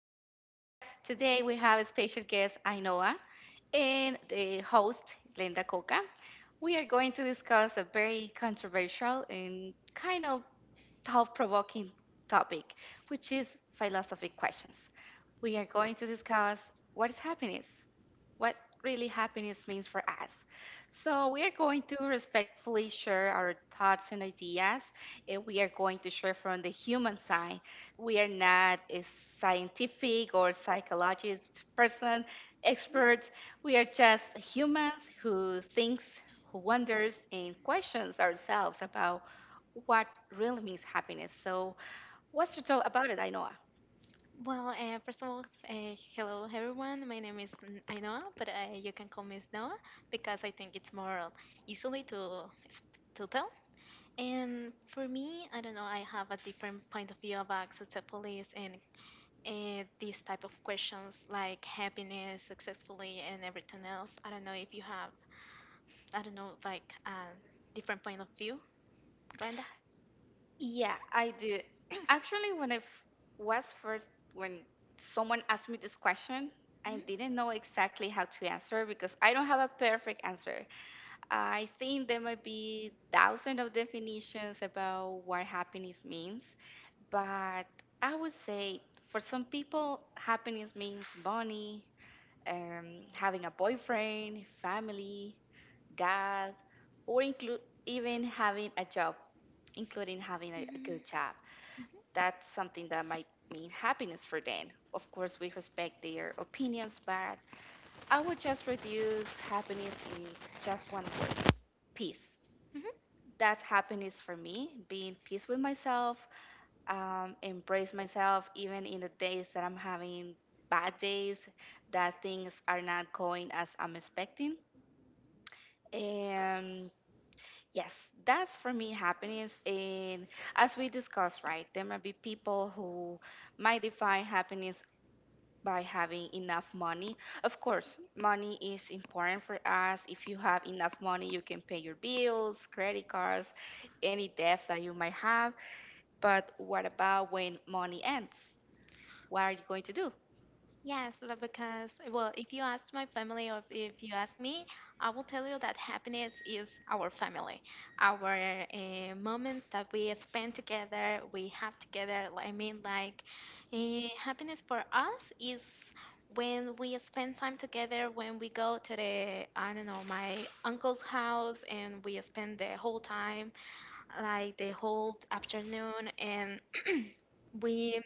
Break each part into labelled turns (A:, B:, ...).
A: today's podcast. Today we have a special guest, Ainoa, and the host, Glenda Coca. We are going to discuss a very controversial and kind of thought provoking topic, which is philosophy questions. We are going to discuss what is happiness, what really happiness means for us. So, we are going to respectfully share our thoughts and ideas, and we are going to share from the human side. We are not a scientific or psychologist person, experts. We are just humans who thinks, who wonders, and questions ourselves about what really means happiness. So, what's your thought about it, Ainoa?
B: Well, first of all, hello everyone. My name is Ainhoa, but you can call me Noah because I think it's more easily to to tell. And for me, I don't know. I have a different point of view about successfulness and these type of questions like happiness, successfully, and everything else. I don't know if you have. I don't know, like a different point of view, Glenda.
A: Yeah, I do. Actually, when I f- was first, when someone asked me this question, I
B: Mhm.
A: didn't know exactly how to answer because I don't have a perfect answer. I think there might be thousands of definitions about what happiness means, but I would say for some people, happiness means money, having a boyfriend, family, gas, or include even having a job, including having a
B: Mhm.
A: good job. That's something that might mean happiness for them. Of course, we respect their opinions, but I would just reduce happiness into just one word peace.
B: Mhm.
A: That's happiness for me, being peace with myself, embrace myself even in the days that I'm having bad days, that things are not going as I'm expecting. And yes, that's for me happiness. And as we discussed, right, there might be people who might define happiness by having enough money. Of course, money is important for us. If you have enough money, you can pay your bills, credit cards, any debt that you might have. But what about when money ends? What are you going to do?
B: Yes, because, well, if you ask my family or if you ask me, I will tell you that happiness is our family. Our moments that we spend together, we have together. Happiness for us is when we spend time together, when we go to the, I don't know, my uncle's house and we spend the whole time, like the whole afternoon, and we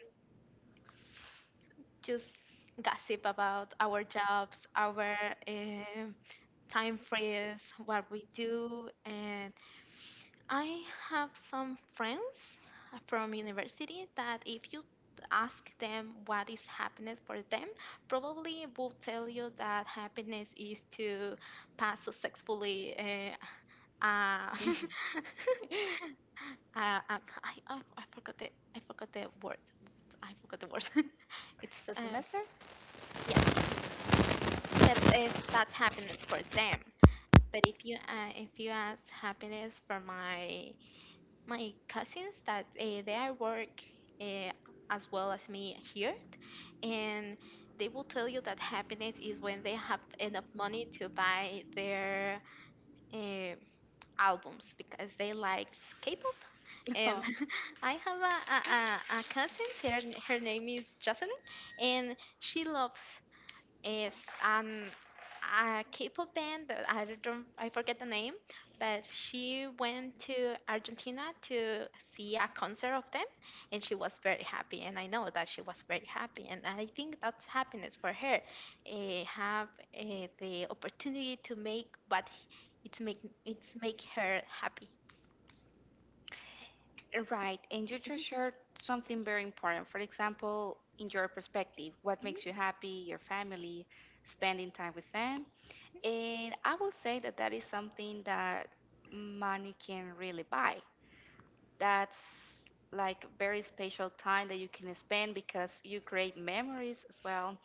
B: just gossip about our jobs, our um time frees, what we do. And I have some friends from university that if you ask them what is happiness for them, probably will tell you that happiness is to pass successfully uh, I forgot the I forgot the word. I forgot the word. it's
A: The semester?
B: yeah, but it's, That's happiness for them. But if you ask happiness for my cousins that they are work uh, as well as me here, and they will tell you that happiness is when they have enough money to buy their uh, albums because they like K-pop. And I have a cousin, her name is Jocelyn, and she loves is um a K-pop band that I don't I forget the name, but she went to Argentina to see a concert of them, and she was very happy. And I know that she was very happy, and I think that's happiness for her, have the opportunity to make what it's make her happy.
A: Right, and you just shared something very important. For example, in your perspective, what
B: Mhm.
A: makes you happy, your family, spending time with them. And I will say that that is something that money can really buy. That's like very special time that you can spend because you create memories as well.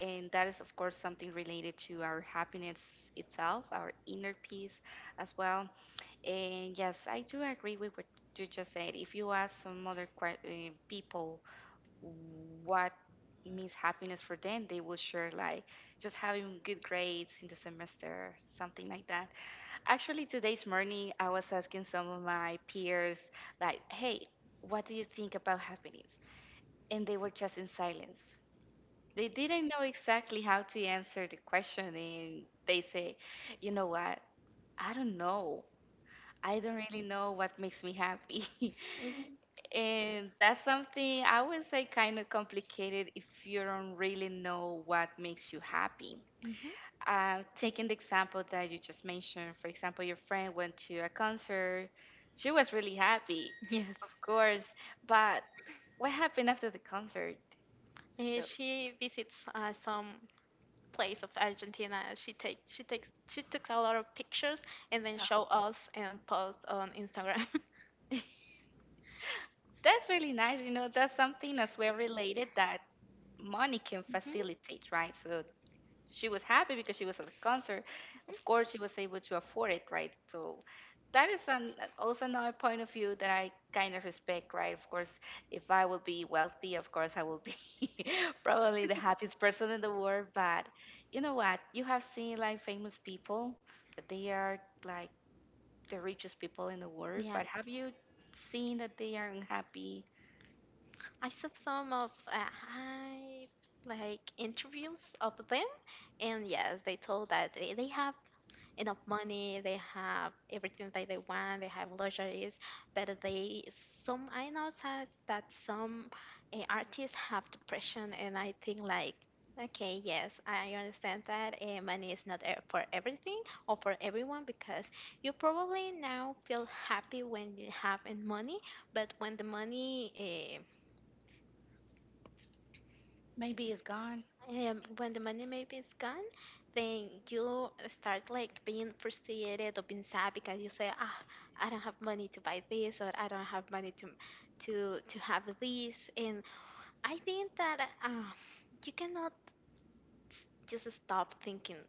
A: And that is, of course, something related to our happiness itself, our inner peace as well. And yes, I do agree with what you just said. If you ask some other people what means happiness for them, they will share like just having good grades in the semester, something like that. Actually, today's morning, I was asking some of my peers, like, hey, what do you think about happiness? And they were just in silence. They didn't know exactly how to answer the question, and they say, you know what? I don't know. I don't really know what makes me happy.
B: Mhm.
A: And that's something I would say kind of complicated if you don't really know what makes you happy.
B: Mhm.
A: Taking the example that you just mentioned, for example, your friend went to a concert, she was really happy,
B: Yes.
A: of course, but what happened after the concert? So,
B: She visits some place of Argentina. She takes she took a lot of pictures and then show us and post on Instagram.
A: yeah. That's really nice. You know, that's something as well related that money can facilitate, right? So she was happy because she was at the concert. Of
B: Mhm.
A: course, she was able to afford it, right? So that is an, also another point of view that I kind of respect, right? Of course, if I would be wealthy, of course, I will be probably the happiest person in the world. But you know what? You have seen like famous people that they are like the richest people in the world,
B: Yeah,
A: but have you seen that they are unhappy?
B: I saw some of I like interviews of them, and yes, they told that they have enough money, they have everything that they want, they have luxuries, but they some I know that some artists have depression, and I think like. Okay, yes, I understand that money is not for everything or for everyone because you probably now feel happy when you have in money, but when the money
A: Maybe it's gone.
B: When the money maybe is gone, then you start like being frustrated or being sad because you say, ah, I don't have money to buy this or I don't have money to have this. And I think that you cannot just stop thinking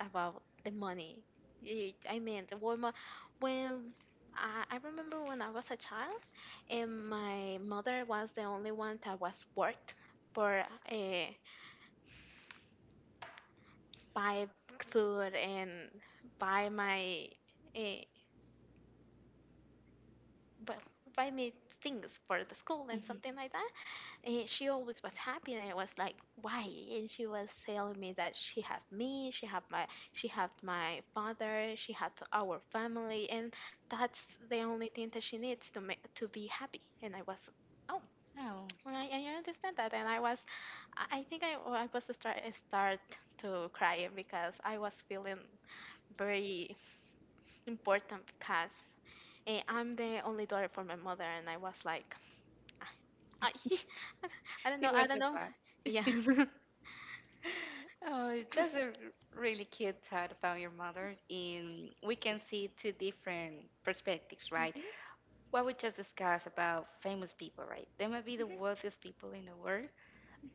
B: about the money. The woman, when I remember when I was a child and my mother was the only one that was worked for. Uh, buy food and buy my uh, but buy me things for the school and
A: Hmm.
B: something like that, and she always was happy, and I was like, why? And she was telling me that she had me, she had my father, she had our family, and that's the only thing that she needs to make to be happy. And I was, oh,
A: No,
B: I understand that. And I was I think I was start to crying because I was feeling very important because I'm the only daughter for my mother, and I was like, I, I don't know,
A: you were
B: I don't know.
A: surprised.
B: Yeah.
A: Oh, that's a really cute thought about your mother. In we can see two different perspectives, right?
B: hmm
A: What we just discussed about famous people, right? They might be the
B: hmm
A: wealthiest people in the world,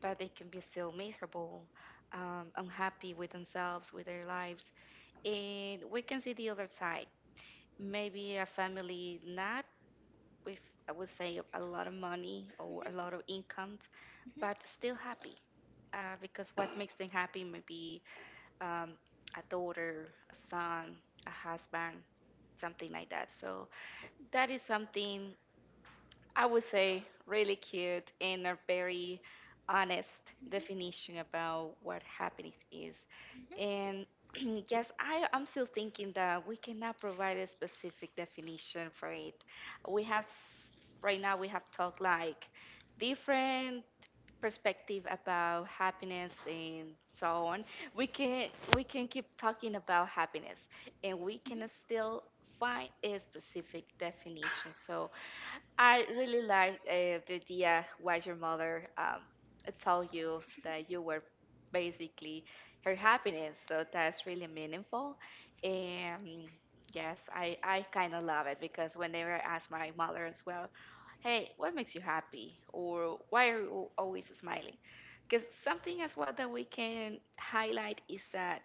A: but they can be still miserable, unhappy with themselves, with their lives. And we can see the other side. Maybe a family not with, I would say, a lot of money or a lot of
B: hmm
A: incomes, but still happy. Because what makes them happy might be um, a daughter, a son, a husband, something like that. So that is something I would say really cute and a very honest
B: hmm Mhm,
A: definition about what happiness is. And yes, I am still thinking that we cannot provide a specific definition for it. We have right now we have talked like different perspective about happiness and so on, we can we can keep talking about happiness and we can still find a specific definition. So I really like the idea why your mother told you that you were basically her happiness. So that's really meaningful. And yes, I kind of love it because whenever I ask my mother as well, hey, what makes you happy? Or why are you always smiling? Because something as well that we can highlight is that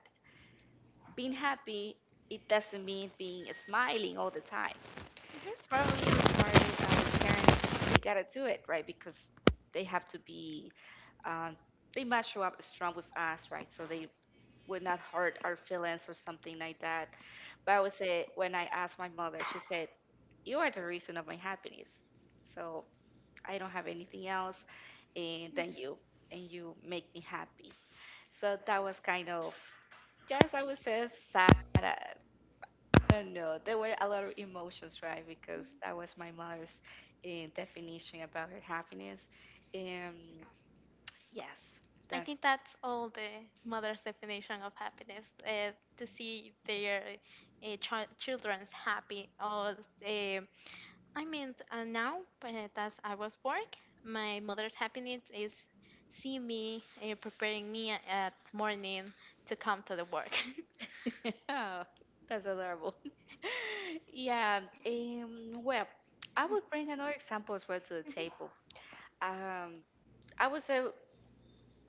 A: being happy, it doesn't mean being smiling all the time, probably regarding parents, they gotta do it, right? Because they have to be, um, they must show up strong with us, right? So they would not hurt our feelings or something like that. But I would say, when I asked my mother, she said, you are the reason of my happiness. So I don't have anything else and than you, and you make me happy. So that was kind of, yes, I would say sad. I don't know. There were a lot of emotions, right?
B: mhm,
A: Because
B: mhm.
A: that was my mother's definition about her happiness. Um, yes,
B: I
A: that's
B: think that's all the mother's definition of happiness, to see their children's happy. Or uh, now that I was work, my mother's happiness is see me preparing me at morning to come to the work.
A: oh, that's adorable. Yeah. Well, I would bring another example as well to the table. Um, I would say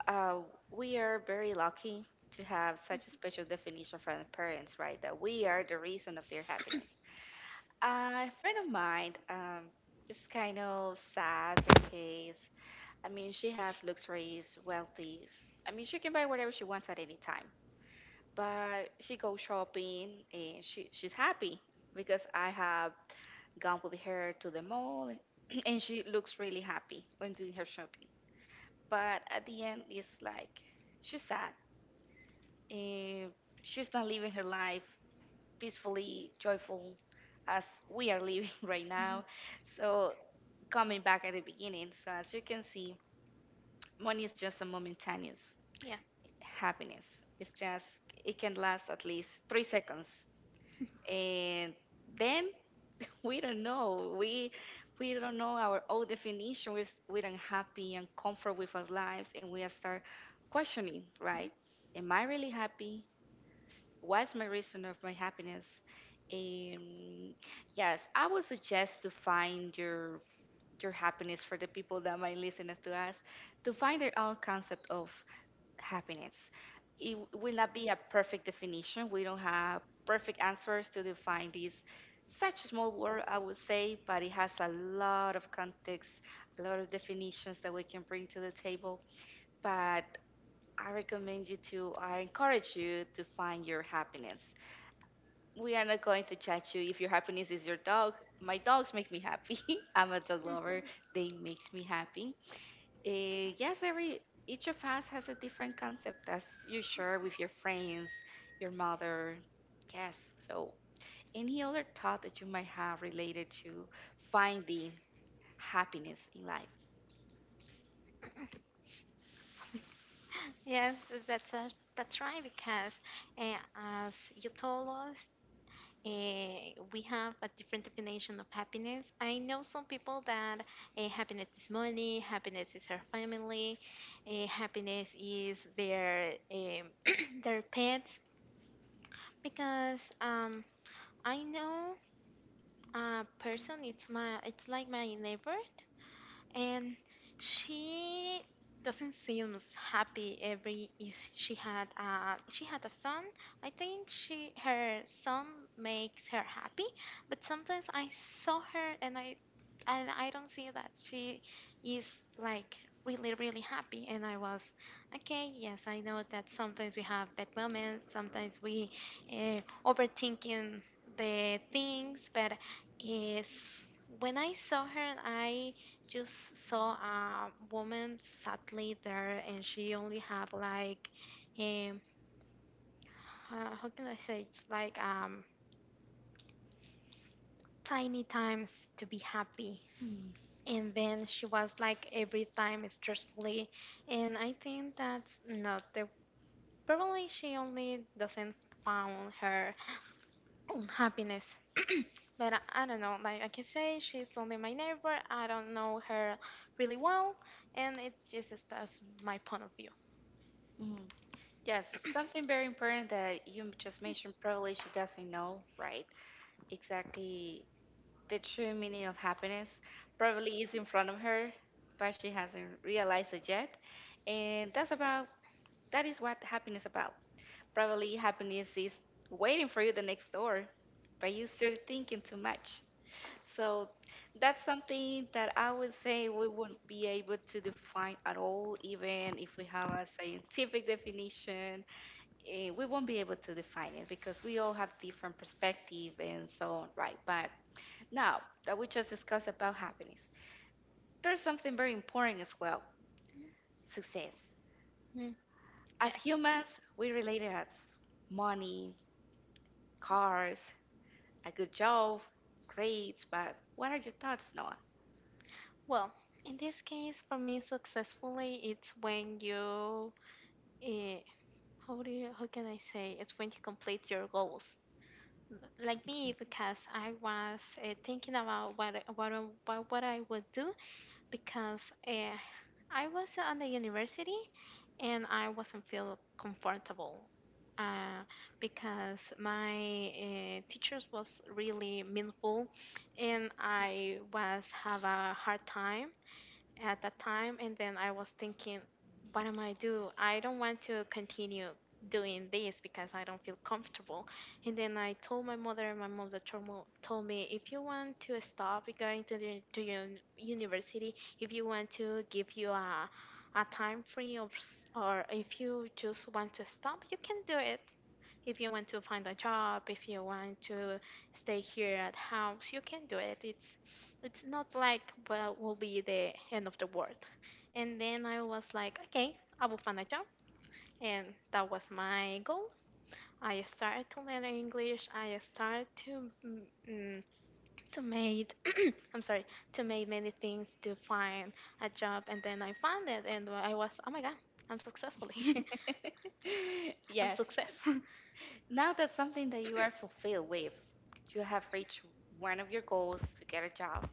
A: uh, we are very lucky to have such a special definition from the parents, right? That we are the reason of their happiness. A friend of mine, is kind of sad because I mean she has luxuries, wealthy. I mean she can buy whatever she wants at any time. But she goes shopping and she's happy because I have gone with her to the mall and she looks really happy when doing her shopping. But at the end it's like she's sad and she's not living her life peacefully joyful as we are living right
B: Mhm.
A: now. So, coming back at the beginning, so as you can see, money is just a momentaneous
B: Yeah.
A: happiness. It's just, it can last at least three seconds. And then we don't know. We don't know our own definition. We're unhappy and comfort with our lives, and we start questioning,
B: Mm-hmm.
A: right? Am I really happy? What's my reason of my happiness? Um, yes, I would suggest to find your happiness for the people that might listen to us, to find their own concept of happiness. It will not be a perfect definition. We don't have perfect answers to define this such a small word, I would say, but it has a lot of context, a lot of definitions that we can bring to the table. But I recommend you to, I encourage you to find your happiness. We are not going to judge you if your happiness is your dog. My dogs make me happy. I'm a dog lover. They makes me happy. Yes, every each of us has a different concept as you share with your friends, your mother. Yes. So, any other thought that you might have related to finding happiness in life?
B: Yes, that's uh, that's right because uh, as you told us, we have a different definition of happiness. I know some people that happiness is money, happiness is her family, happiness is their their pets. Because I know a person, it's like my neighbor, and she doesn't seem happy every if she had a son. I think she her son makes her happy, but sometimes I saw her, and I don't see that she is like really really happy. And I was okay, yes, I know that sometimes we have bad moments, sometimes we overthinking the things, but is when I saw her, I just saw a woman sadly there, and she only have like um how can I say? It's like tiny times to be happy,
A: Hmm.
B: and then she was like every time stressfully, and I think that's not the probably she only doesn't found her own happiness. But I don't know, like I can say she's only my neighbor, I don't know her really well, and it just that's my point of view.
A: Mm. Yes, something very important that you just mentioned. Probably she doesn't know, right? Exactly the true meaning of happiness probably is in front of her, but she hasn't realized it yet. And that's about that is what happiness about. Probably happiness is waiting for you the next door, but you still thinking too much. So that's something that I would say we wouldn't be able to define at all, even if we have a scientific definition. We won't be able to define it because we all have different perspective and so on, right? But now that we just discussed about happiness, there's something very important as well, success.
B: Yeah.
A: As humans, we relate it as money, cars, a good job, grades, but what are your thoughts, Noah?
B: Well, in this case, for me, successfully, it's when you, eh, how do you, how can I say? It's when you complete your goals. Like me, because I was thinking about what I would do because I was on the university and I wasn't feel comfortable uh, because my teachers was really meaningful, and I was have a hard time at that time. And then I was thinking, what am I do? I don't want to continue doing this because I don't feel comfortable. And then I told my mother, and my mother told told me, if you want to stop going to the to your university, if you want to give you a time free, or if you just want to stop, you can do it. If you want to find a job, if you want to stay here at house, you can do it. It's not like well will be the end of the world. And then I was like, okay, I will find a job, and that was my goal. I started to learn English. I started to mm, mm, to made I'm sorry to make many things to find a job, and then I found it, and I was, oh my god, I'm successfully, I'm
A: Yes.
B: success.
A: Now that's something that you are fulfilled with. You have reached one of your goals to get a job.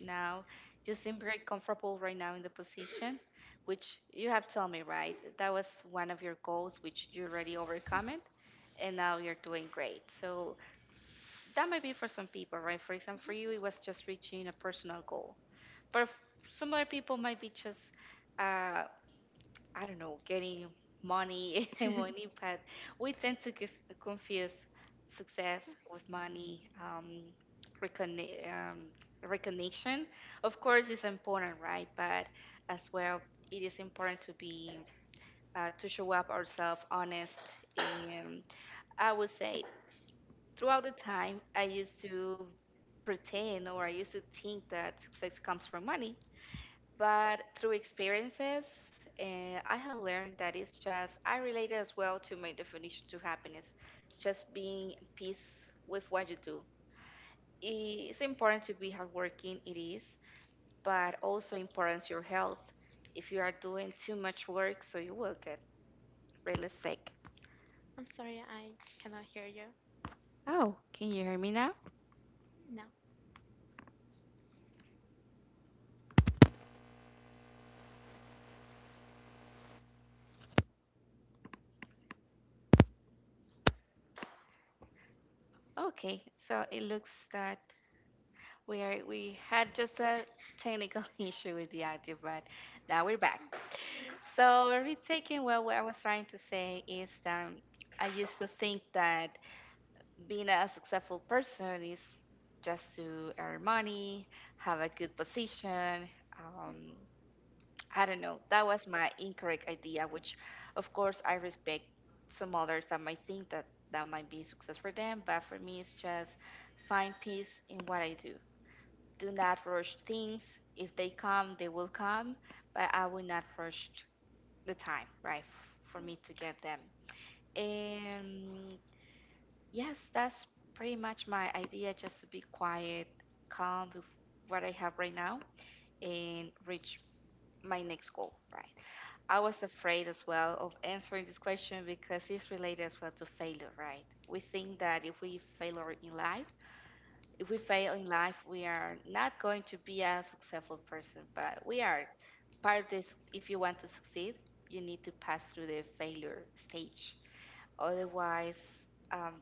A: Now you seem very comfortable right now in the position, which you have told me, right? That was one of your goals, which you already overcome it, and now you're doing great. So that might be for some people, right? For example, for you, it was just reaching a personal goal. But some other people might be just uh, I don't know, getting money and money, but we tend to confuse success with money, recogni um, recognition. Of course, it's important, right? But as well, it is important to be to show up ourselves honest. And I would say throughout the time, I used to pretend or I used to think that success comes from money, but through experiences, I have learned that it's just, I relate it as well to my definition to happiness, just being at peace with what you do. It's important to be hardworking, it is, but also importance your health. If you are doing too much work, so you will get really sick.
B: I'm sorry, I cannot hear you.
A: Oh, can you hear me now?
B: No.
A: Okay, so it looks that we had just a technical issue with the audio, but now we're back. So retaking well, what I was trying to say is that I used to think that being a successful person is just to earn money, have a good position. Um, I don't know. That was my incorrect idea, which of course I respect some others that might think that that might be success for them, but for me it's just find peace in what I do, do not rush things. If they come, they will come, but I will not rush the time, right, for me to get them. And yes, that's pretty much my idea, just to be quiet, calm with what I have right now, and reach my next goal, right? I was afraid as well of answering this question because it's related as well to failure, right? We think that if we fail in life, if we fail in life, we are not going to be a successful person, but we are part of this. If you want to succeed, you need to pass through the failure stage. Otherwise, um,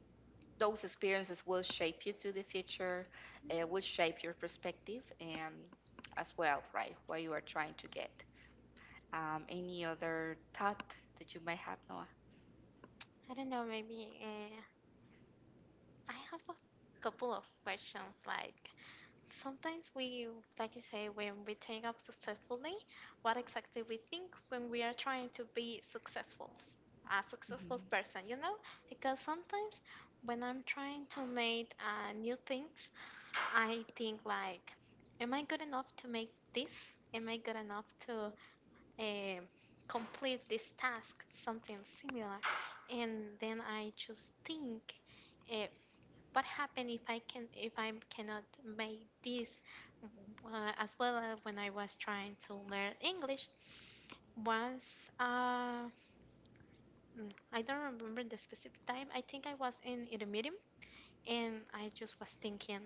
A: those experiences will shape you to the future, will shape your perspective, and as well, right, what you are trying to get. Any other thought that you might have, Noah?
B: I don't know, maybe I have a couple of questions. Like, sometimes we, like you say, when we take up successfully, what exactly we think when we are trying to be successful, a
A: Mhm.
B: successful person, you know? Because sometimes when I'm trying to make new things, I think like, am I good enough to make this? Am I good enough to um, complete this task, something similar. And then I just think, uh, what happen if I can if I cannot make this? As well as when I was trying to learn English, was uh, I don't remember the specific time. I think I was in a meeting, and I just was thinking,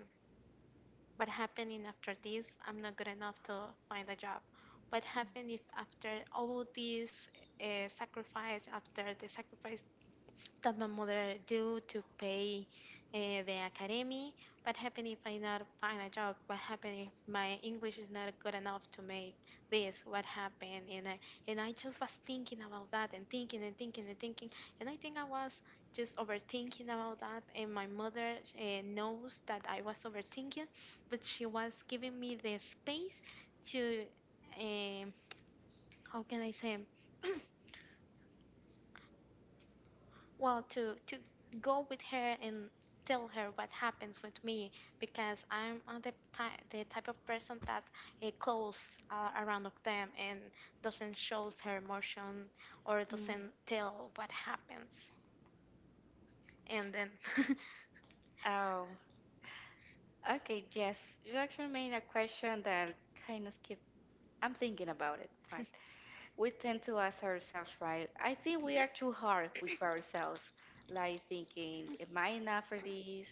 B: what happening after this? I'm not good enough to find a job. What happened if after all this sacrifice, after the sacrifice that my mother do to pay uh, the academy. What happened if I not find a job? What happened if my English is not good enough to make this? What happened? And I just was thinking about that, and thinking and thinking and thinking. And I think I was just overthinking about that. And my mother knows that I was overthinking, but she was giving me the space to, um, how can I say? Well, to go with her and tell her what happens with me because I'm the type of person that close around of them, and doesn't shows her emotion or
A: Mm.
B: doesn't tell what happens. And then,
A: Oh, okay, yes. You actually made a question that kind of skipped. I'm thinking about it. Fine. We tend to ask ourselves, right? I think we are too hard with ourselves, like thinking, am I enough for this?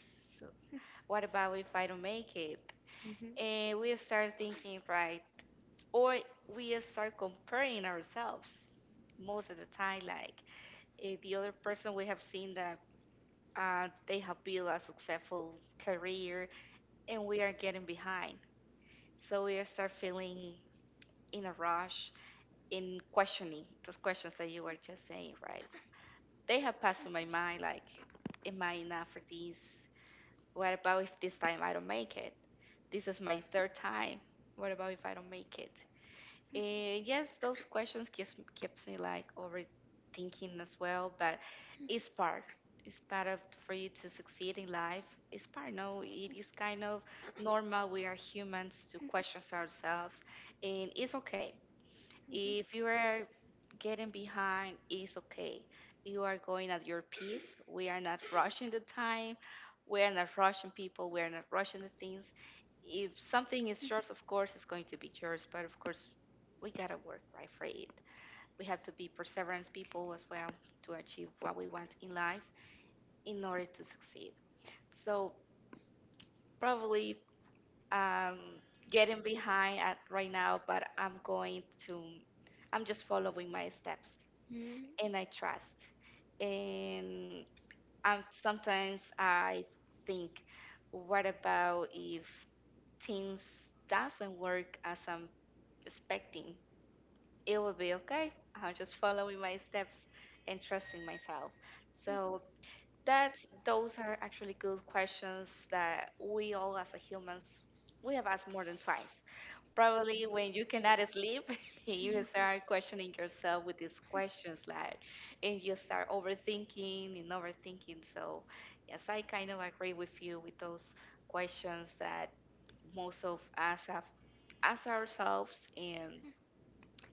A: What about if I don't make it?
B: Mhm,
A: And we start thinking, right? Or we start comparing ourselves most of the time, like the other person we have seen that they have built a successful career and we are getting behind. So we start feeling in a rush in questioning those questions that you were just saying, right? They have passed through my mind like, am I enough for this? What about if this time I don't make it? This is my third time. What about if I don't make it? Eh, yes, those questions keeps me like overthinking as well, but it's part. It's part of for you to succeed in life. It's part. No, it is kind of normal. We are humans to question ourselves, and it's okay
B: mhm.
A: if you are getting behind, it's okay. You are going at your pace. We are not rushing the time. We are not rushing people. We are not rushing the things. If something is yours, of course, it's going to be yours. But of course, we gotta work right for it. We have to be perseverance people as well to achieve what we want in life in order to succeed. So probably um, getting behind at right now, but I'm going to. I'm just following my steps and I trust. And sometimes I think, what about if things doesn't work as I'm expecting? It will be okay. I'm just following my steps and trusting myself. So that's those are actually good questions that we all as a humans we have asked more than twice. Probably when you cannot sleep, you start questioning yourself with these questions, like, and you start overthinking and overthinking. So, yes, I kind of agree with you with those questions that most of us have asked ourselves, and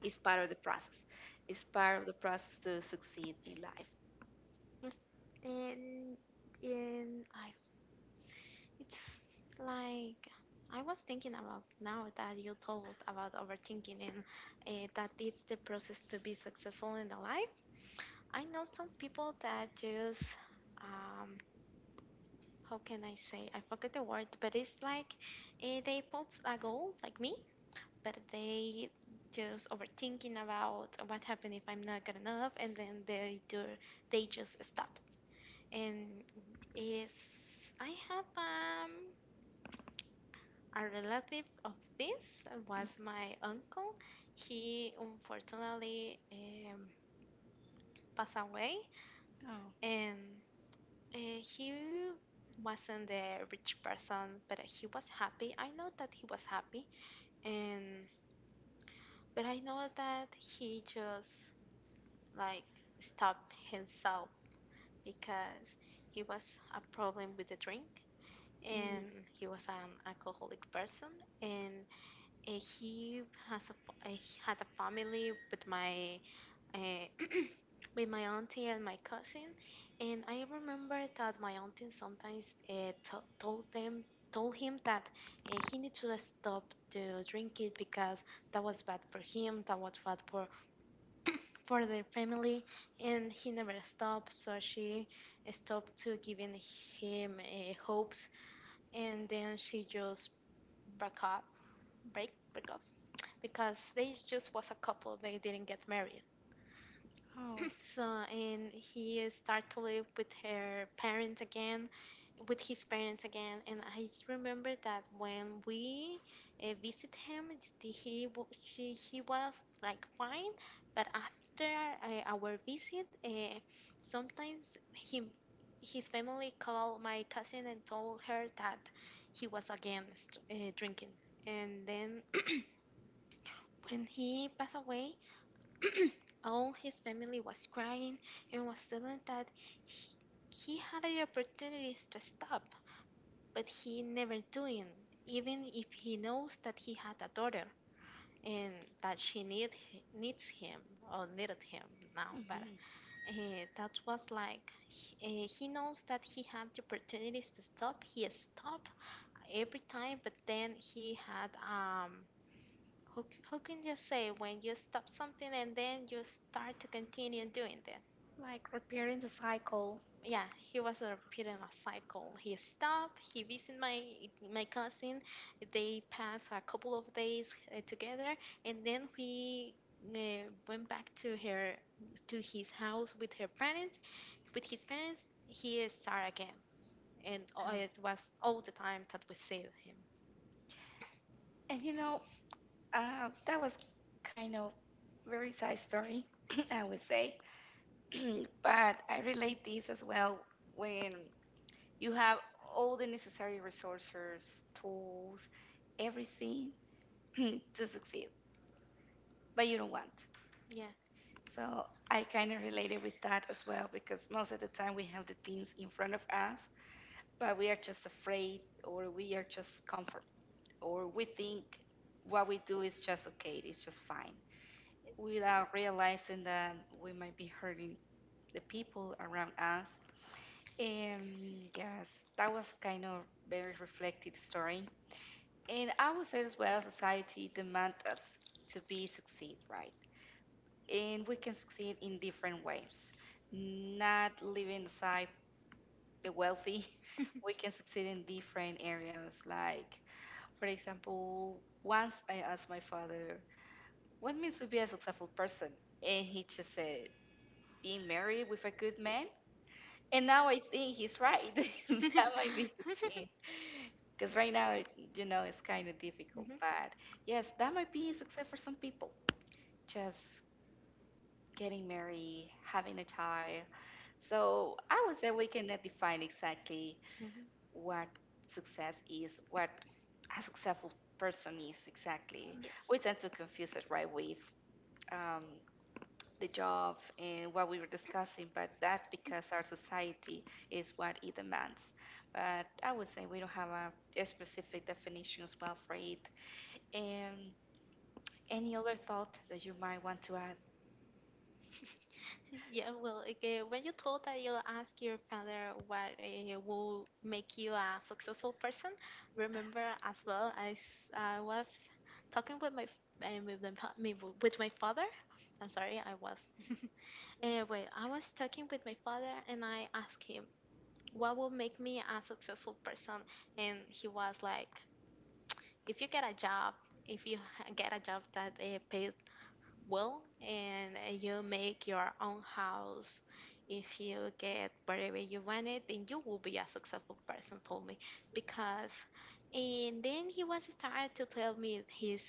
A: it's part of the process. It's part of the process to succeed in life.
B: Mhm. And and I It's like I was thinking about now that you told about overthinking and that it's the process to be successful in the life. I know some people that just um how can I say I forget the word, but it's like they put a goal like me, but they just overthinking about what happened if I'm not good enough, and then they just stop. And is I have a relative of this was my uncle. He unfortunately passed away,
A: Oh,
B: and he wasn't the rich person, but he was happy. I know that he was happy, and but I know that he just like stopped himself because he was a problem with the drink, and
A: mm,
B: he was an alcoholic person, and Uh, he he had a family with my uh, with my auntie and my cousin, and I remember that my auntie sometimes to told them told him that he needs to stop to drink it because that was bad for him, that was bad for their family, and he never stopped. So she stopped to giving him hopes, and then she just broke up, break up because they just was a couple they didn't get married.
A: oh,
B: So and he started to live with his parents again, and I just remember that when we visit him, he was like fine, but after our visit, sometimes him his family called my cousin and told her that he was again drinking, and then when he passed away, all his family was crying and was telling that he had the opportunities to stop, but he never doing, even if he knows that he had a daughter and that she needs him or needed him now. But
A: hmm,
B: that was like he knows that he had the opportunities to stop. He stopped every time, but then he had Who, who can you say when you stop something and then you start to continue doing that?
A: like repairing the cycle.
B: Yeah, he was a repeat a cycle. He stopped. He visited my cousin. They passed a couple of days together, and then we went back to his house with her parents. With his parents, he started again, and
A: Um,
B: it was all the time that we see him.
A: and you know, that was kind of very sad story, I would say. But I relate this as well when you have all the necessary resources, tools, everything to succeed, but you don't want.
B: Yeah.
A: So I kind of related with that as well because most of the time we have the things in front of us, but we are just afraid or we are just comfort or we think what we do is just okay, it's just fine, without realizing that we might be hurting the people around us. And yes, that was kind of very reflective story. And I would say as well, society demands us to be succeed, right? And we can succeed in different ways. Not living aside the wealthy, we can succeed in different areas. Like, for example, once I asked my father, what means to be a successful person? And he just said, being married with a good man. And now I think he's right. That might be succeed. Because right now, you know, it's kind of difficult.
B: Mhm,
A: But yes, that might be a success for some people. Just getting married, having a child. So I would say we cannot define exactly
B: mhm.
A: what success is, what a successful person is exactly.
B: Yes.
A: We tend to confuse it right with um, the job and what we were discussing, but that's because our society is what it demands. But I would say we don't have a specific definition as well for it. And any other thought that you might want to add?
B: Yeah, well, okay. When you told that you asked your father what will make you a successful person, remember as well, I was talking with my f- with, my, pa- me- with my father. I'm sorry, I was. Wait, I was talking with my father and I asked him what will make me a successful person, and he was like, if you get a job, if you get a job that pays well and you make your own house, if you get whatever you wanted, then you will be a successful person, told me, because and then he was started to tell me his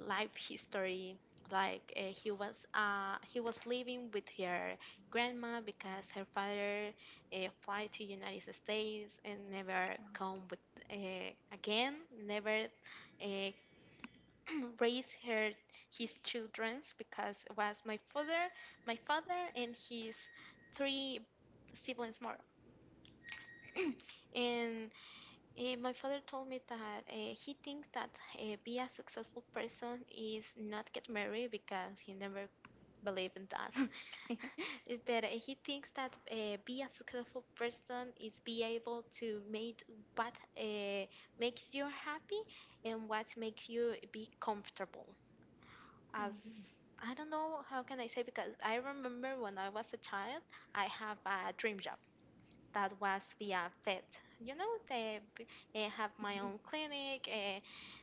B: life history, like he was living with her grandma because her father fly to United States and never come with uh, again never uh, raise her his childrens, because it was my father and his three siblings more. And my father told me that he thinks that be a successful person is not get married because he never believed in that. But he thinks that be a successful person is be able to make what uh, makes you happy and what makes you be comfortable. As I don't know how can I say, because I remember when I was a child, I have a dream job that was via vet. You know, have my own clinic,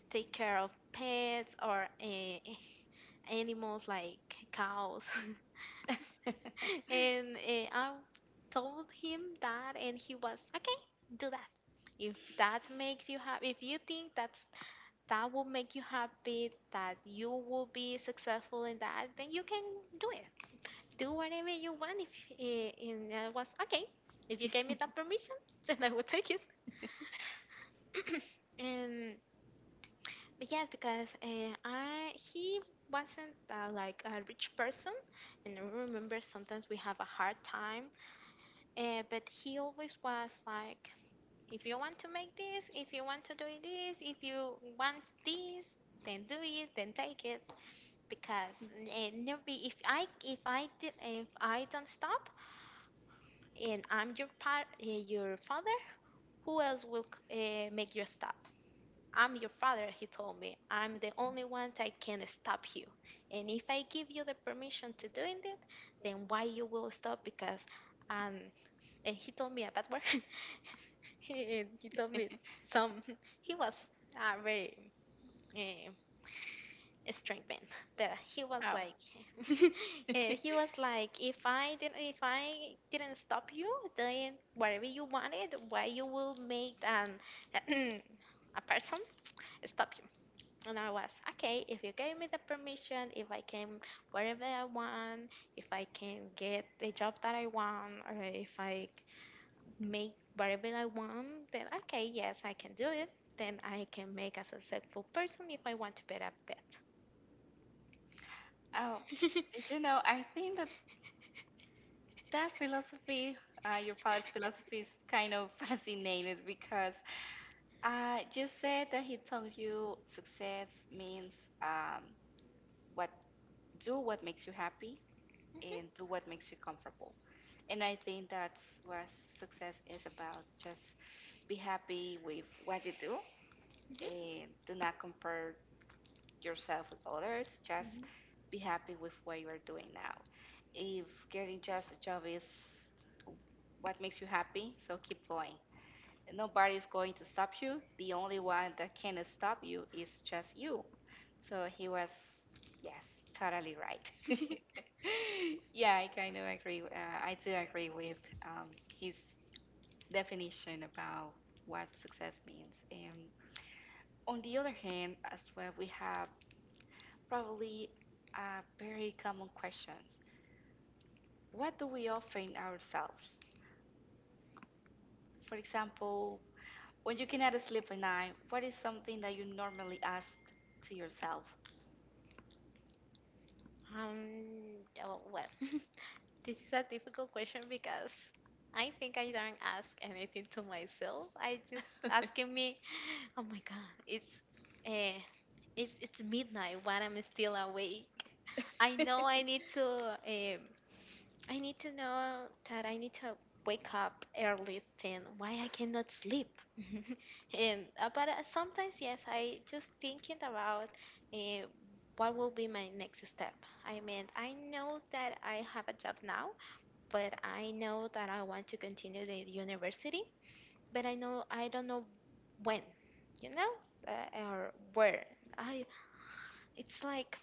B: take care of pets or animals like cows. And I told him that, and he was okay. Do that if that makes you happy. If you think that will make you happy, that you will be successful in that, then you can do it. Do whatever you want. If eh, And I was okay, if you gave me that permission, then I would take it. and but yes, because I he wasn't like a rich person, and I remember sometimes we have a hard time. But he always was like, if you want to make this, if you want to do this, if you want this, then do it, then take it. Because Nubi, if I don't stop and I'm your father, who else will make you stop? I'm your father, he told me. I'm the only one that can stop you. And if I give you the permission to doing it, then why you will stop? Because um, and he told me a bad word. He told me some. He was very, Uh, strengthen, but he was
A: Oh,
B: like he was like, if I didn't stop you, then whatever you wanted, why you will make an a person stop you? And I was okay, if you gave me the permission, if I can whatever I want, if I can get the job that I want or if I make whatever I want, then okay, yes I can do it, then I can make a successful person, if I want to bet a
A: oh,
B: bet.
A: you know, I think that that philosophy, your father's philosophy, is kind of fascinating because you said that he told you success means um, what what makes you happy and do what makes you comfortable. And I think that's what success is about. Just be happy with what you do
B: Mhm.
A: and do not compare yourself with others. Just
B: Mhm.
A: be happy with what you are doing now. If getting just a job is what makes you happy, so keep going. Nobody's going to stop you. The only one that can stop you is just you. So he was, yes, totally right. Yeah, I kind of agree. I do agree with um, his definition about what success means. And on the other hand, as well, we have probably very common questions. What do we offering ourselves? For example, when you cannot sleep at night, what is something that you normally ask to yourself?
B: um, oh, well, this is a difficult question, because I think I don't ask anything to myself. I just asking me, oh my God, uh, it's midnight while I'm still awake. I know I need to know that I need to wake up early, then why I cannot sleep. and but sometimes yes, I just thinking about uh, what will be my next step. I mean, I know that I have a job now, but I know that I want to continue the university, but I don't know when, you know, or where. I It's like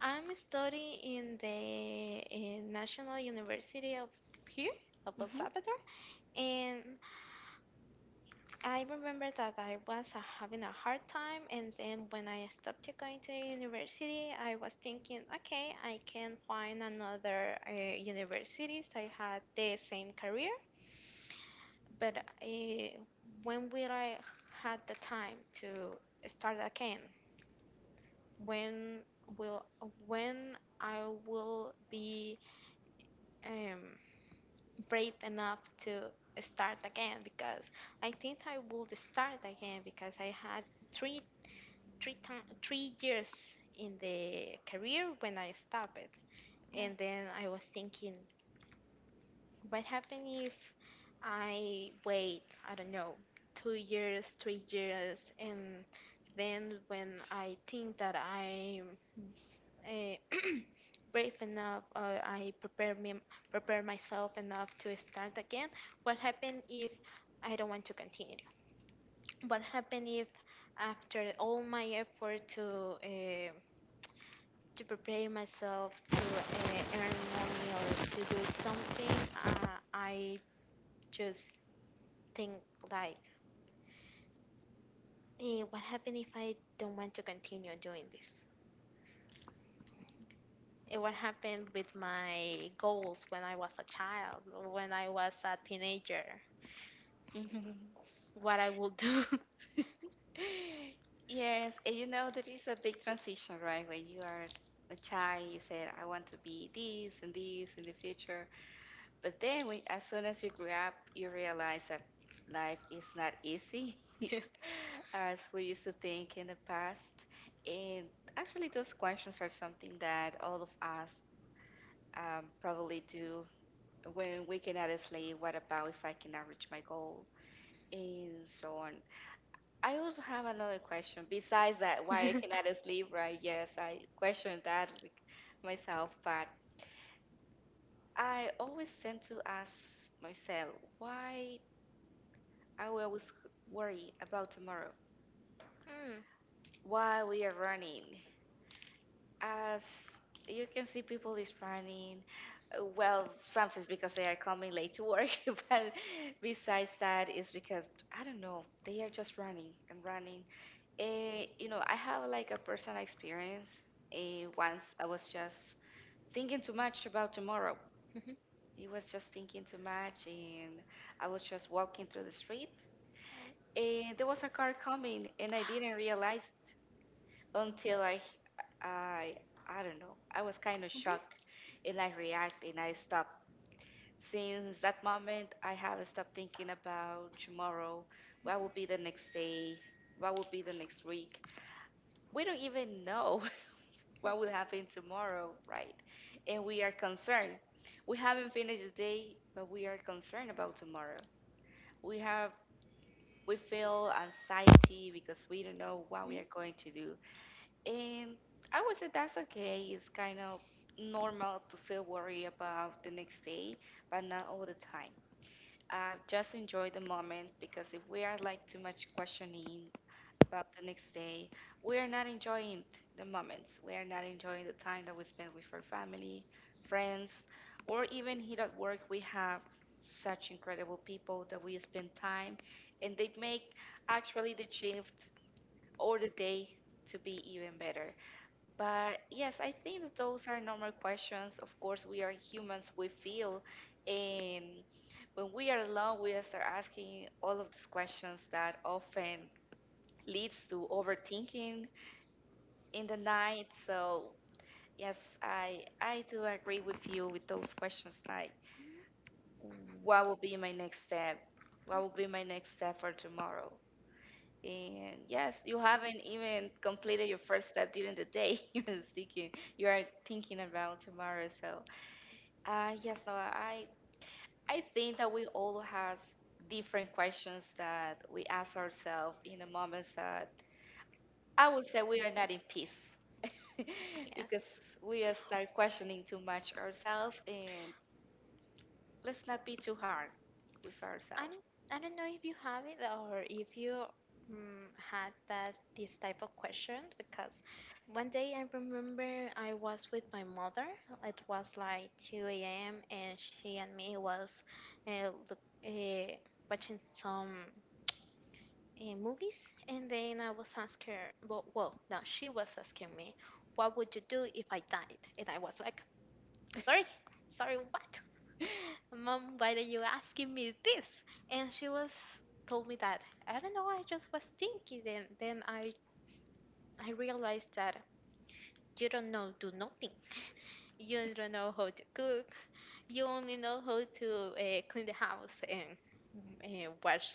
B: I'm studying in the National University of here, of El Salvador, and I remember that I was having a hard time, and then when I stopped going to university, I was thinking, okay, I can find another universities. I had the same career, but when will I had the time to start again? When will when I will be um, brave enough to start again, because I think I would start again, because I had three 3 years in the career when I stopped it. And then I was thinking, what happened if I wait, I don't know, 2 years, 3 years, and then when I think that I'm uh, brave enough, I prepare myself enough to start again? What happened if I don't want to continue? What happened if after all my effort to prepare myself to earn money or to do something? I just think, like what happened if I don't want to continue doing this, it what happened with my goals when I was a child or when I was a teenager?
A: Hmm.
B: What I will do.
A: Yes, and you know that is a big transition, right? When you are a child, you said, I want to be this and this in the future. But then when, as soon as you grew up, you realize that life is not easy
B: Yes.
A: as we used to think in the past. And actually, those questions are something that all of us probably do when we cannot sleep. What about if I cannot reach my goal? And so on. I also have another question. Besides that, why I
B: Mm.
A: cannot sleep, right? Yes, I question that with myself, but I always tend to ask myself why I will always worry about tomorrow.
B: Mhm.
A: Why we are running? As you can see, people is running. Well, sometimes because they are coming late to work, but besides that, it's because I don't know. They are just running and running. You know, I have like a personal experience. Once I was just thinking too much about tomorrow.
B: Mhm.
A: I was just thinking too much, and I was just walking through the street, and there was a car coming, and I didn't realize it until I, I don't know. I was kind of shocked, and I react and I stopped. Since that moment, I have stopped thinking about tomorrow. What will be the next day? What will be the next week? We don't even know what will happen tomorrow, right? And we are concerned. We haven't finished the day, but we are concerned about tomorrow. We have we feel anxiety because we don't know what
B: Mhm.
A: we are going to do. And I would say that's okay. It's kind of normal to feel worried about the next day, but not all the time, just enjoy the moment because if we are like too much questioning about the next day, we are not enjoying the moments. We are not enjoying the time that we spend with our family, friends, or even here at work. We have such incredible people that we spend time and they make actually the shift or the day to be even better. But yes, I think that those are normal questions. Of course, we are humans, we feel. And when we are alone, we start asking all of these questions that often leads to overthinking in the night. So yes, I do agree with you with those questions like what will be my next step? What will be my next step for tomorrow? And yes, you haven't even completed your first step during the day. Thinking, you are thinking about tomorrow. Yes, no, I think that we all have different questions that we ask ourselves in the moments that I would say we are not in peace
B: Yes.
A: because we are start questioning too much ourselves, and let's not be too hard with
B: I
A: ourselves.
B: don't, I don't know if you have it or if you had that this type of question, because one day I remember I was with my mother. It was like 2 a.m., and she and me was uh, look, uh, watching some movies, and then I was asking her, no, she was asking me, what would you do if I died? And I was like, I'm sorry, sorry, what? Mom, why are you asking me this? And she was told me that I don't know, I just was thinking, then I realized that you don't know do nothing. You don't know how to cook. You only know how to clean the house, and wash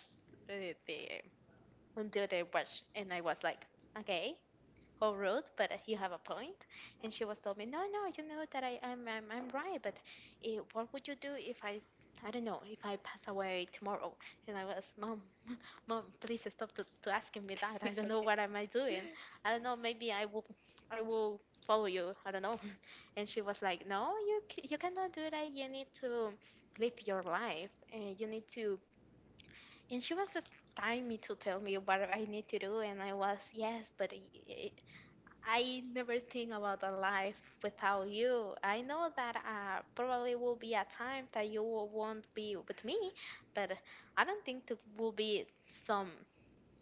B: the do the wash. And I was like, okay, how rude, but you have a point. And she was told me, no, no, you know that I'm right, but what would you do if I, I don't know, if I pass away tomorrow? And I was, mom, mom, please stop to asking me that. I don't know what am I doing. I don't know, maybe I will follow you. I don't know. And she was like, no, you cannot do that. You need to live your life and you need to, and she was just telling me to tell me what I need to do. And I was, yes, but I never think about a life without you. I know that probably will be a time that won't be with me, but I don't think it will be some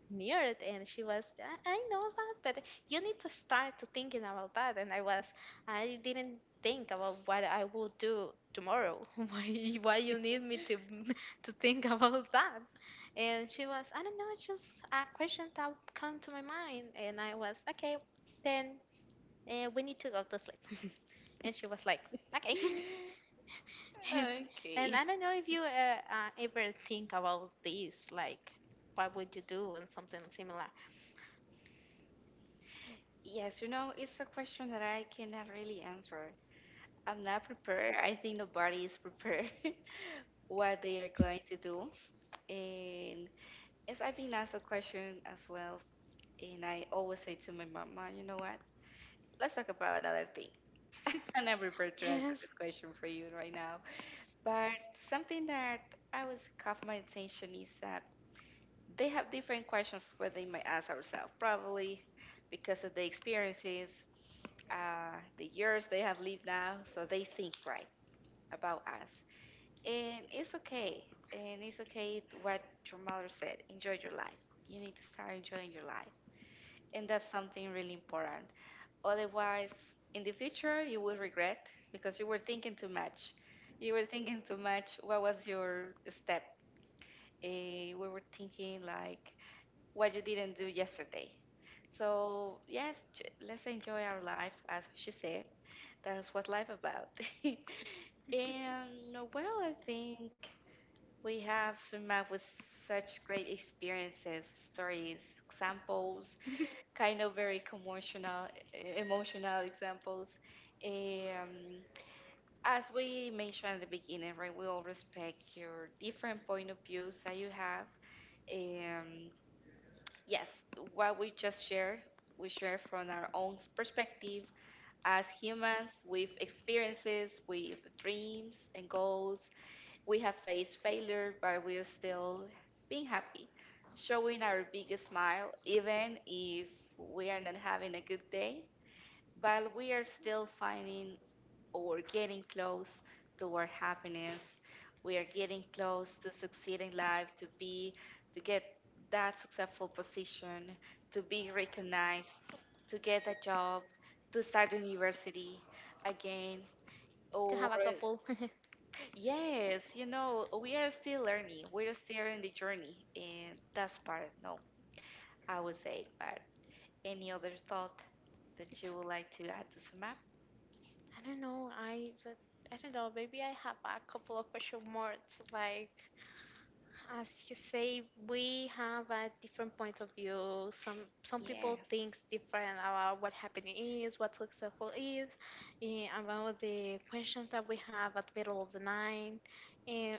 B: near it. And she was, I know that, but you need to start to thinking about that. And I was, I didn't think about what I will do tomorrow. Why you need me to to think about that? And she was, I don't know, it's just a question that come to my mind. And I was, okay, then and we need to go to sleep. And she was like, okay. And
A: Okay.
B: I don't know if you ever think about this, like, what would you do and something similar?
A: Yes, it's a question that I cannot really answer. I'm not prepared. I think nobody is prepared what they are going to do. And yes, I've been asked a question as well, and I always say to my mama, you know what? Let's talk about another thing. I'm not prepared to answer
B: Yes,
A: this question for you right now. But something that I was caught my attention is that they have different questions where they might ask ourselves, probably because of the experiences, the years they have lived now, so they think right about us. And it's okay. And it's okay what your mother said. Enjoy your life. You need to start enjoying your life. And that's something really important. Otherwise, in the future, you will regret because you were thinking too much. You were thinking too much. What was your step? We were thinking like what you didn't do yesterday. So yes, let's enjoy our life, as she said. That's what life about. And no, well, I think we have some up with such great experiences, stories, examples, kind of very emotional examples. Um, as we mentioned at the beginning, right, we all respect your different point of views that you have. Um, Yes, what we just share, we share from our own perspective as humans with experiences, with dreams and goals. We have faced failure, but we're still being happy, showing our biggest smile, even if we are not having a good day. While we are still finding or getting close to our happiness, we are getting close to succeeding life, to get that successful position, to be recognized, to get a job, to start university again,
B: to
A: or
B: have a couple.
A: yes, we are still learning, we are still in the journey, and that's part, no, I would say, but any other thought that
B: It's,
A: you would like to add to sum up?
B: I don't know. I but I don't know. Maybe I have a couple of question marks, like as you say, we have a different point of view. Some people
A: Yes.
B: think different about what happening is, what successful is, about the questions that we have at middle of the night. eh,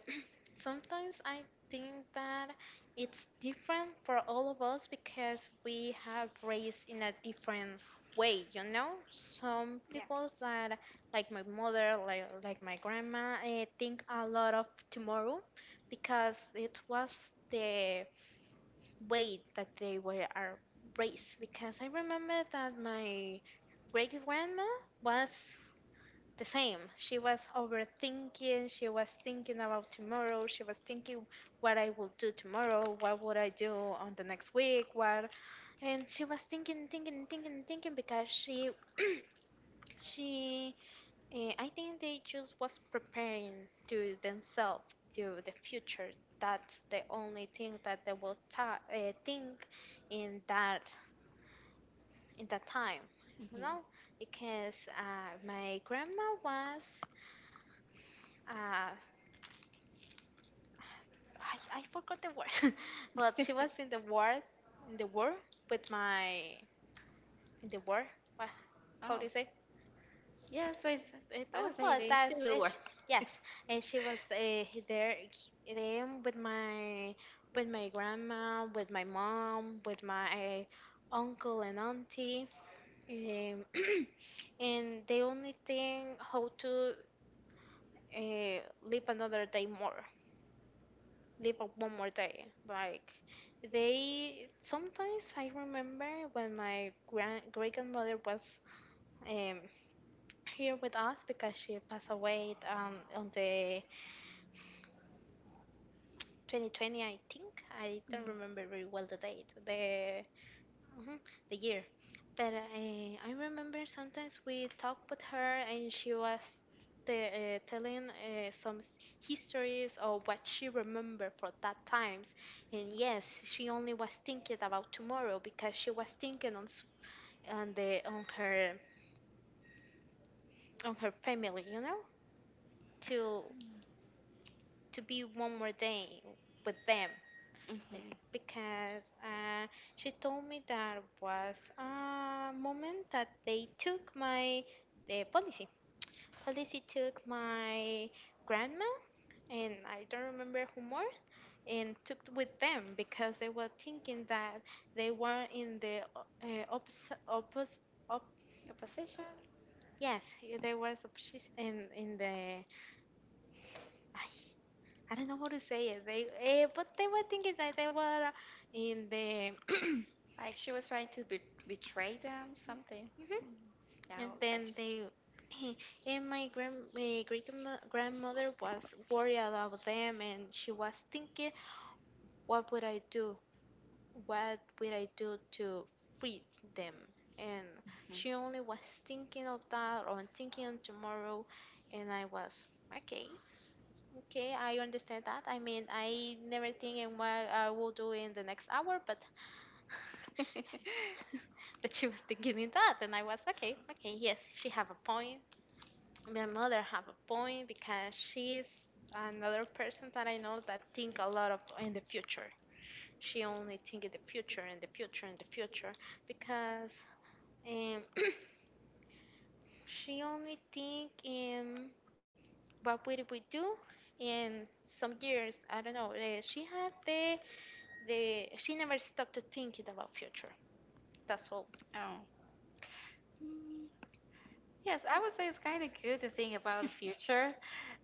B: Sometimes I think that it's different for all of us because we have raised in a different way, you know? Some people that, like my mother, like, my grandma, think a lot of tomorrow because it was the way that they were are raised. Because I remember that my great grandma was the same. She was overthinking. She was thinking about tomorrow. She was thinking what I will do tomorrow. What would I do on the next week? What? And she was thinking, thinking because she, she, I think they just was preparing to themselves to the future. That's the only thing that they will think in that time, you
A: Hmm.
B: know, because my grandma was uh, I forgot the word. Well, she was in the war, in the war with my in the war. What? How
A: Oh,
B: do you say?
A: yeah. So it's
B: It,
A: I would say
B: well,
A: the
B: that's
A: Civil
B: it,
A: War.
B: yes. And she was there with my grandma, with my mom, with my uncle and auntie. Um, and the only thing how to uh, live another day more live up one more day. Like they sometimes I remember when my grand great grandmother was um, here with us because she passed away on the 2020 I think I don't remember very well the date. The mhm, the year. But I remember sometimes we talked with her and she was telling some histories of what she remembered for that times. And yes, she only was thinking about tomorrow because she was thinking on the on her family, you know, to to be one more day with them. Yeah,
A: Hmm.
B: because she told me there was a moment that they took my the policy. Policy took my grandma and I don't remember who more and took with them because they were thinking that they were in the opposite op-
A: Opposition,
B: yes they were opposite in the ay, I don't know how to say it they but they were thinking that they were in the
A: like she was trying to betray them, something.
B: mhm. And
A: Now,
B: then
A: gotcha.
B: they, and my great grandmother was worried about them, and she was thinking, what would I do? What would I do to feed them? And she only was thinking of that or thinking on tomorrow, and I was okay, okay, I understand that. I mean, I never think in what I will do in the next hour, but
A: Hmm.
B: but she was thinking in that, and I was okay, okay, yes, she have a point. My mother have a point because she is another person that I know that think a lot of in the future. She only think in the future because um, she only think in what will we do in some years. I don't know. She had the she never stopped to thinking about future. That's all.
A: Oh. Yes, I would say it's kind of good to think about the future,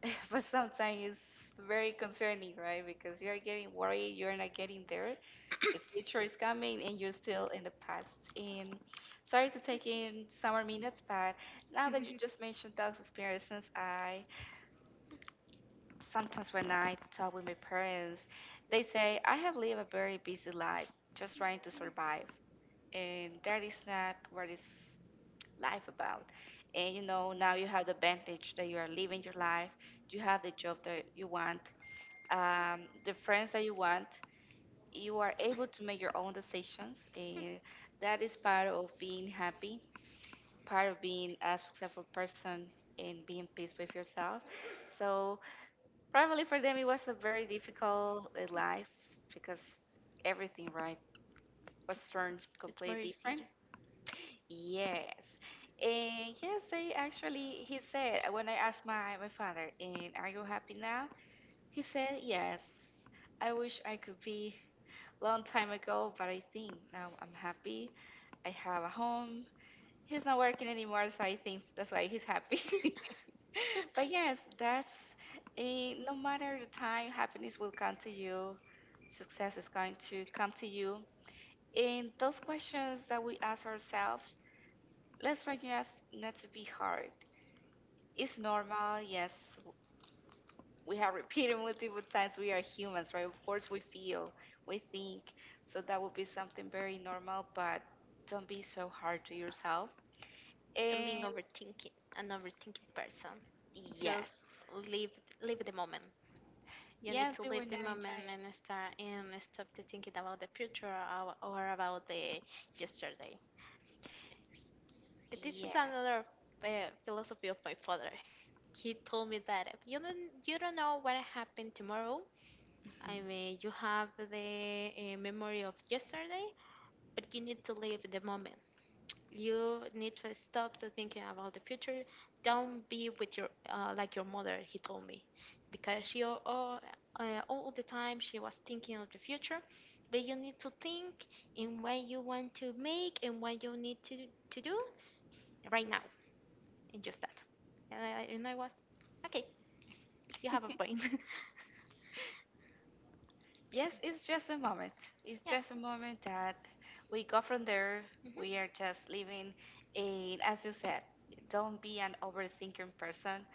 A: but sometimes it's very concerning, right? Because you're getting worried, you're not getting there. The future is coming and you're still in the past. And sorry to take in some more minutes, but now that you just mentioned those experiences, I sometimes when I talk with my parents, they say, I have lived a very busy life just trying to survive. And that is not what is life about. And you know, now you have the advantage that you are living your life, you have the job that you want, the friends that you want. You are able to make your own decisions, and that is part of being happy, part of being a successful person, and being at peace with yourself. So, probably for them, it was a very difficult life because everything, right, was turned
B: It's more
A: completely
B: easy
A: different. Yes. And yes, they actually, he said, when I asked my father, and are you happy now? He said, yes. I wish I could be long time ago, but I think now I'm happy. I have a home. He's not working anymore, so I think that's why he's happy. But yes, that's no matter the time, happiness will come to you, success is going to come to you. And those questions that we ask ourselves let's try just not to be hard. It's normal, yes. We have repeated multiple times we are humans, right? Of course, we feel, we think. So that would be something very normal, but don't be so hard to yourself.
B: than being
A: And
B: overthinking an overthinking person. Just
A: yes,
B: live live the moment. You need
A: yes,
B: to
A: you
B: live
A: were
B: the
A: not in
B: moment
A: child.
B: and start and stop to thinking about the future or, about the yesterday. This is
A: Yes.
B: another uh, philosophy of my father. He told me that if you don't you don't know what happened tomorrow.
A: Mhm.
B: I mean, you have the memory of yesterday, but you need to live the moment. You need to stop to thinking about the future. Don't be with your like your mother. He told me because she all the time she was thinking of the future. But you need to think in what you want to make and what you need to do right now and just that. And I was okay. You have a point.
A: Yes, it's just a moment. It's
B: Yes.
A: just a moment that we go from there. We are
B: Hmm.
A: just living in, as you said, don't be an overthinking person.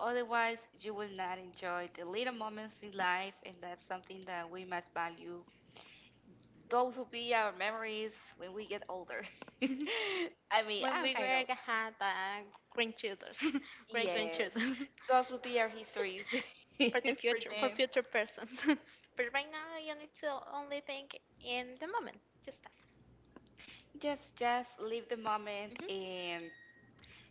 A: Otherwise, you will not enjoy the little moments in life, and that's something that we must value. Those will be our memories when we get older. I mean,
B: When
A: I'm
B: we
A: kind of,
B: were had grandchildren, great
A: yes,
B: grandchildren,
A: those will be our histories for
B: for the future for
A: them.
B: future persons but right now you need to only think in the moment just that.
A: Just live the moment,
B: Mhm.
A: and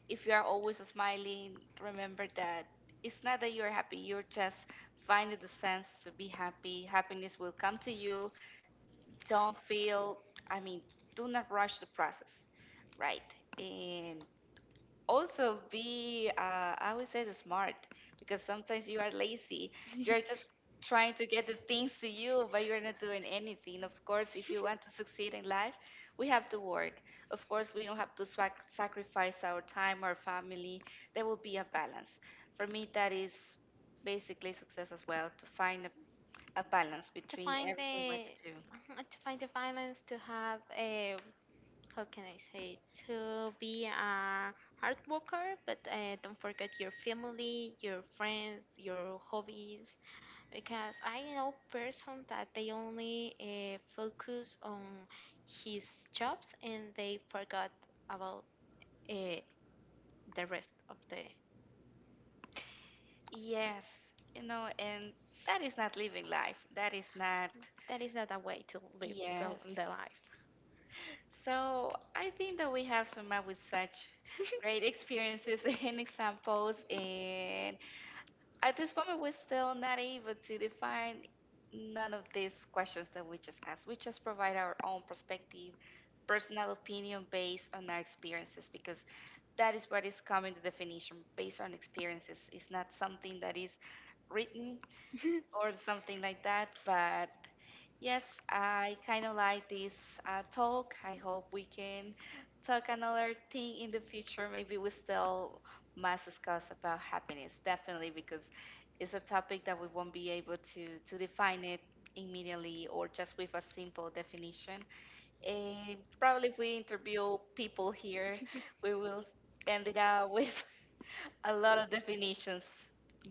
A: if you are always smiling, remember that it's not that you're happy, you're just finding the sense to be happy. Happiness will come to you. Don't feel, I mean, do not rush the process, right? And also be I would say the smart, because sometimes you are lazy, you're just trying to get the things to you, but you're not doing anything. Of course, if you want to succeed in life, we have to work. Of course, we don't have to swac sacrifice our time, our family. There will be a balance. For me that is basically success as well, to find a balance
B: To
A: between
B: find
A: everything what
B: the
A: you do.
B: to find the balance to have a how can I say to be a hard worker but don't forget your family your friends your hobbies. Because I know person that they only focus on his jobs and they forgot about uh, the rest of the.
A: Yes, you know, and that is not living life, that is not,
B: That is not a way to live
A: yes.
B: the life.
A: So I think that we have some up with such great experiences and examples, and at this moment we're still not able to define none of these questions that we just asked. We just provide our own perspective, personal opinion based on our experiences, because that is what is coming to definition based on experiences. It's not something that is written or something like that. But yes, I kind of like this talk. I hope we can talk another thing in the future. Maybe we still must discuss about happiness, definitely, because it's a topic that we won't be able to define it immediately or just with a simple definition. And probably if we interview people here, we will end it up with a lot of definitions,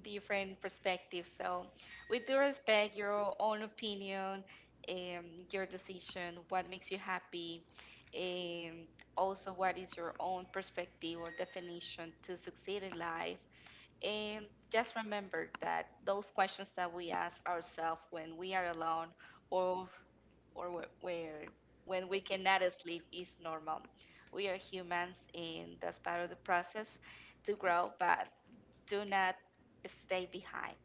A: different perspectives. So, we do respect your own opinion, um, your decision, what makes you happy, and also what is your own perspective or definition to succeed in life. And just remember that those questions that we ask ourselves when we are alone or where when we cannot sleep is normal. We are humans and that's part of the process to grow, but do not stay behind.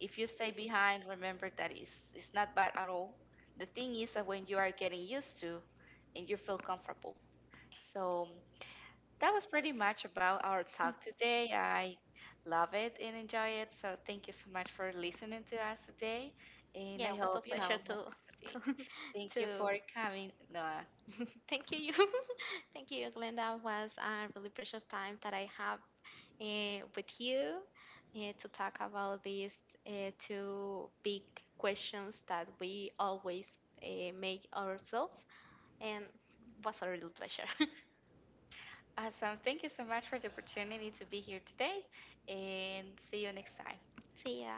A: If you stay behind, remember that it's not bad at all. The thing is that when you are getting used to and you feel comfortable. So that was pretty much about our talk today. I love it and enjoy it. So thank you so much for listening to us today. And
B: Yeah,
A: I
B: it was a
A: hope you have
B: pleasure
A: a
B: to
A: wonderful day.
B: to
A: Thank you
B: to.
A: for coming, Noah.
B: Thank you, you. Thank you, Glenda. It was a really precious time that I have with you to talk about these two big questions that we always make ourselves, and was a real pleasure.
A: Awesome. Thank you so much for the opportunity to be here today. And see you next time.
B: See ya.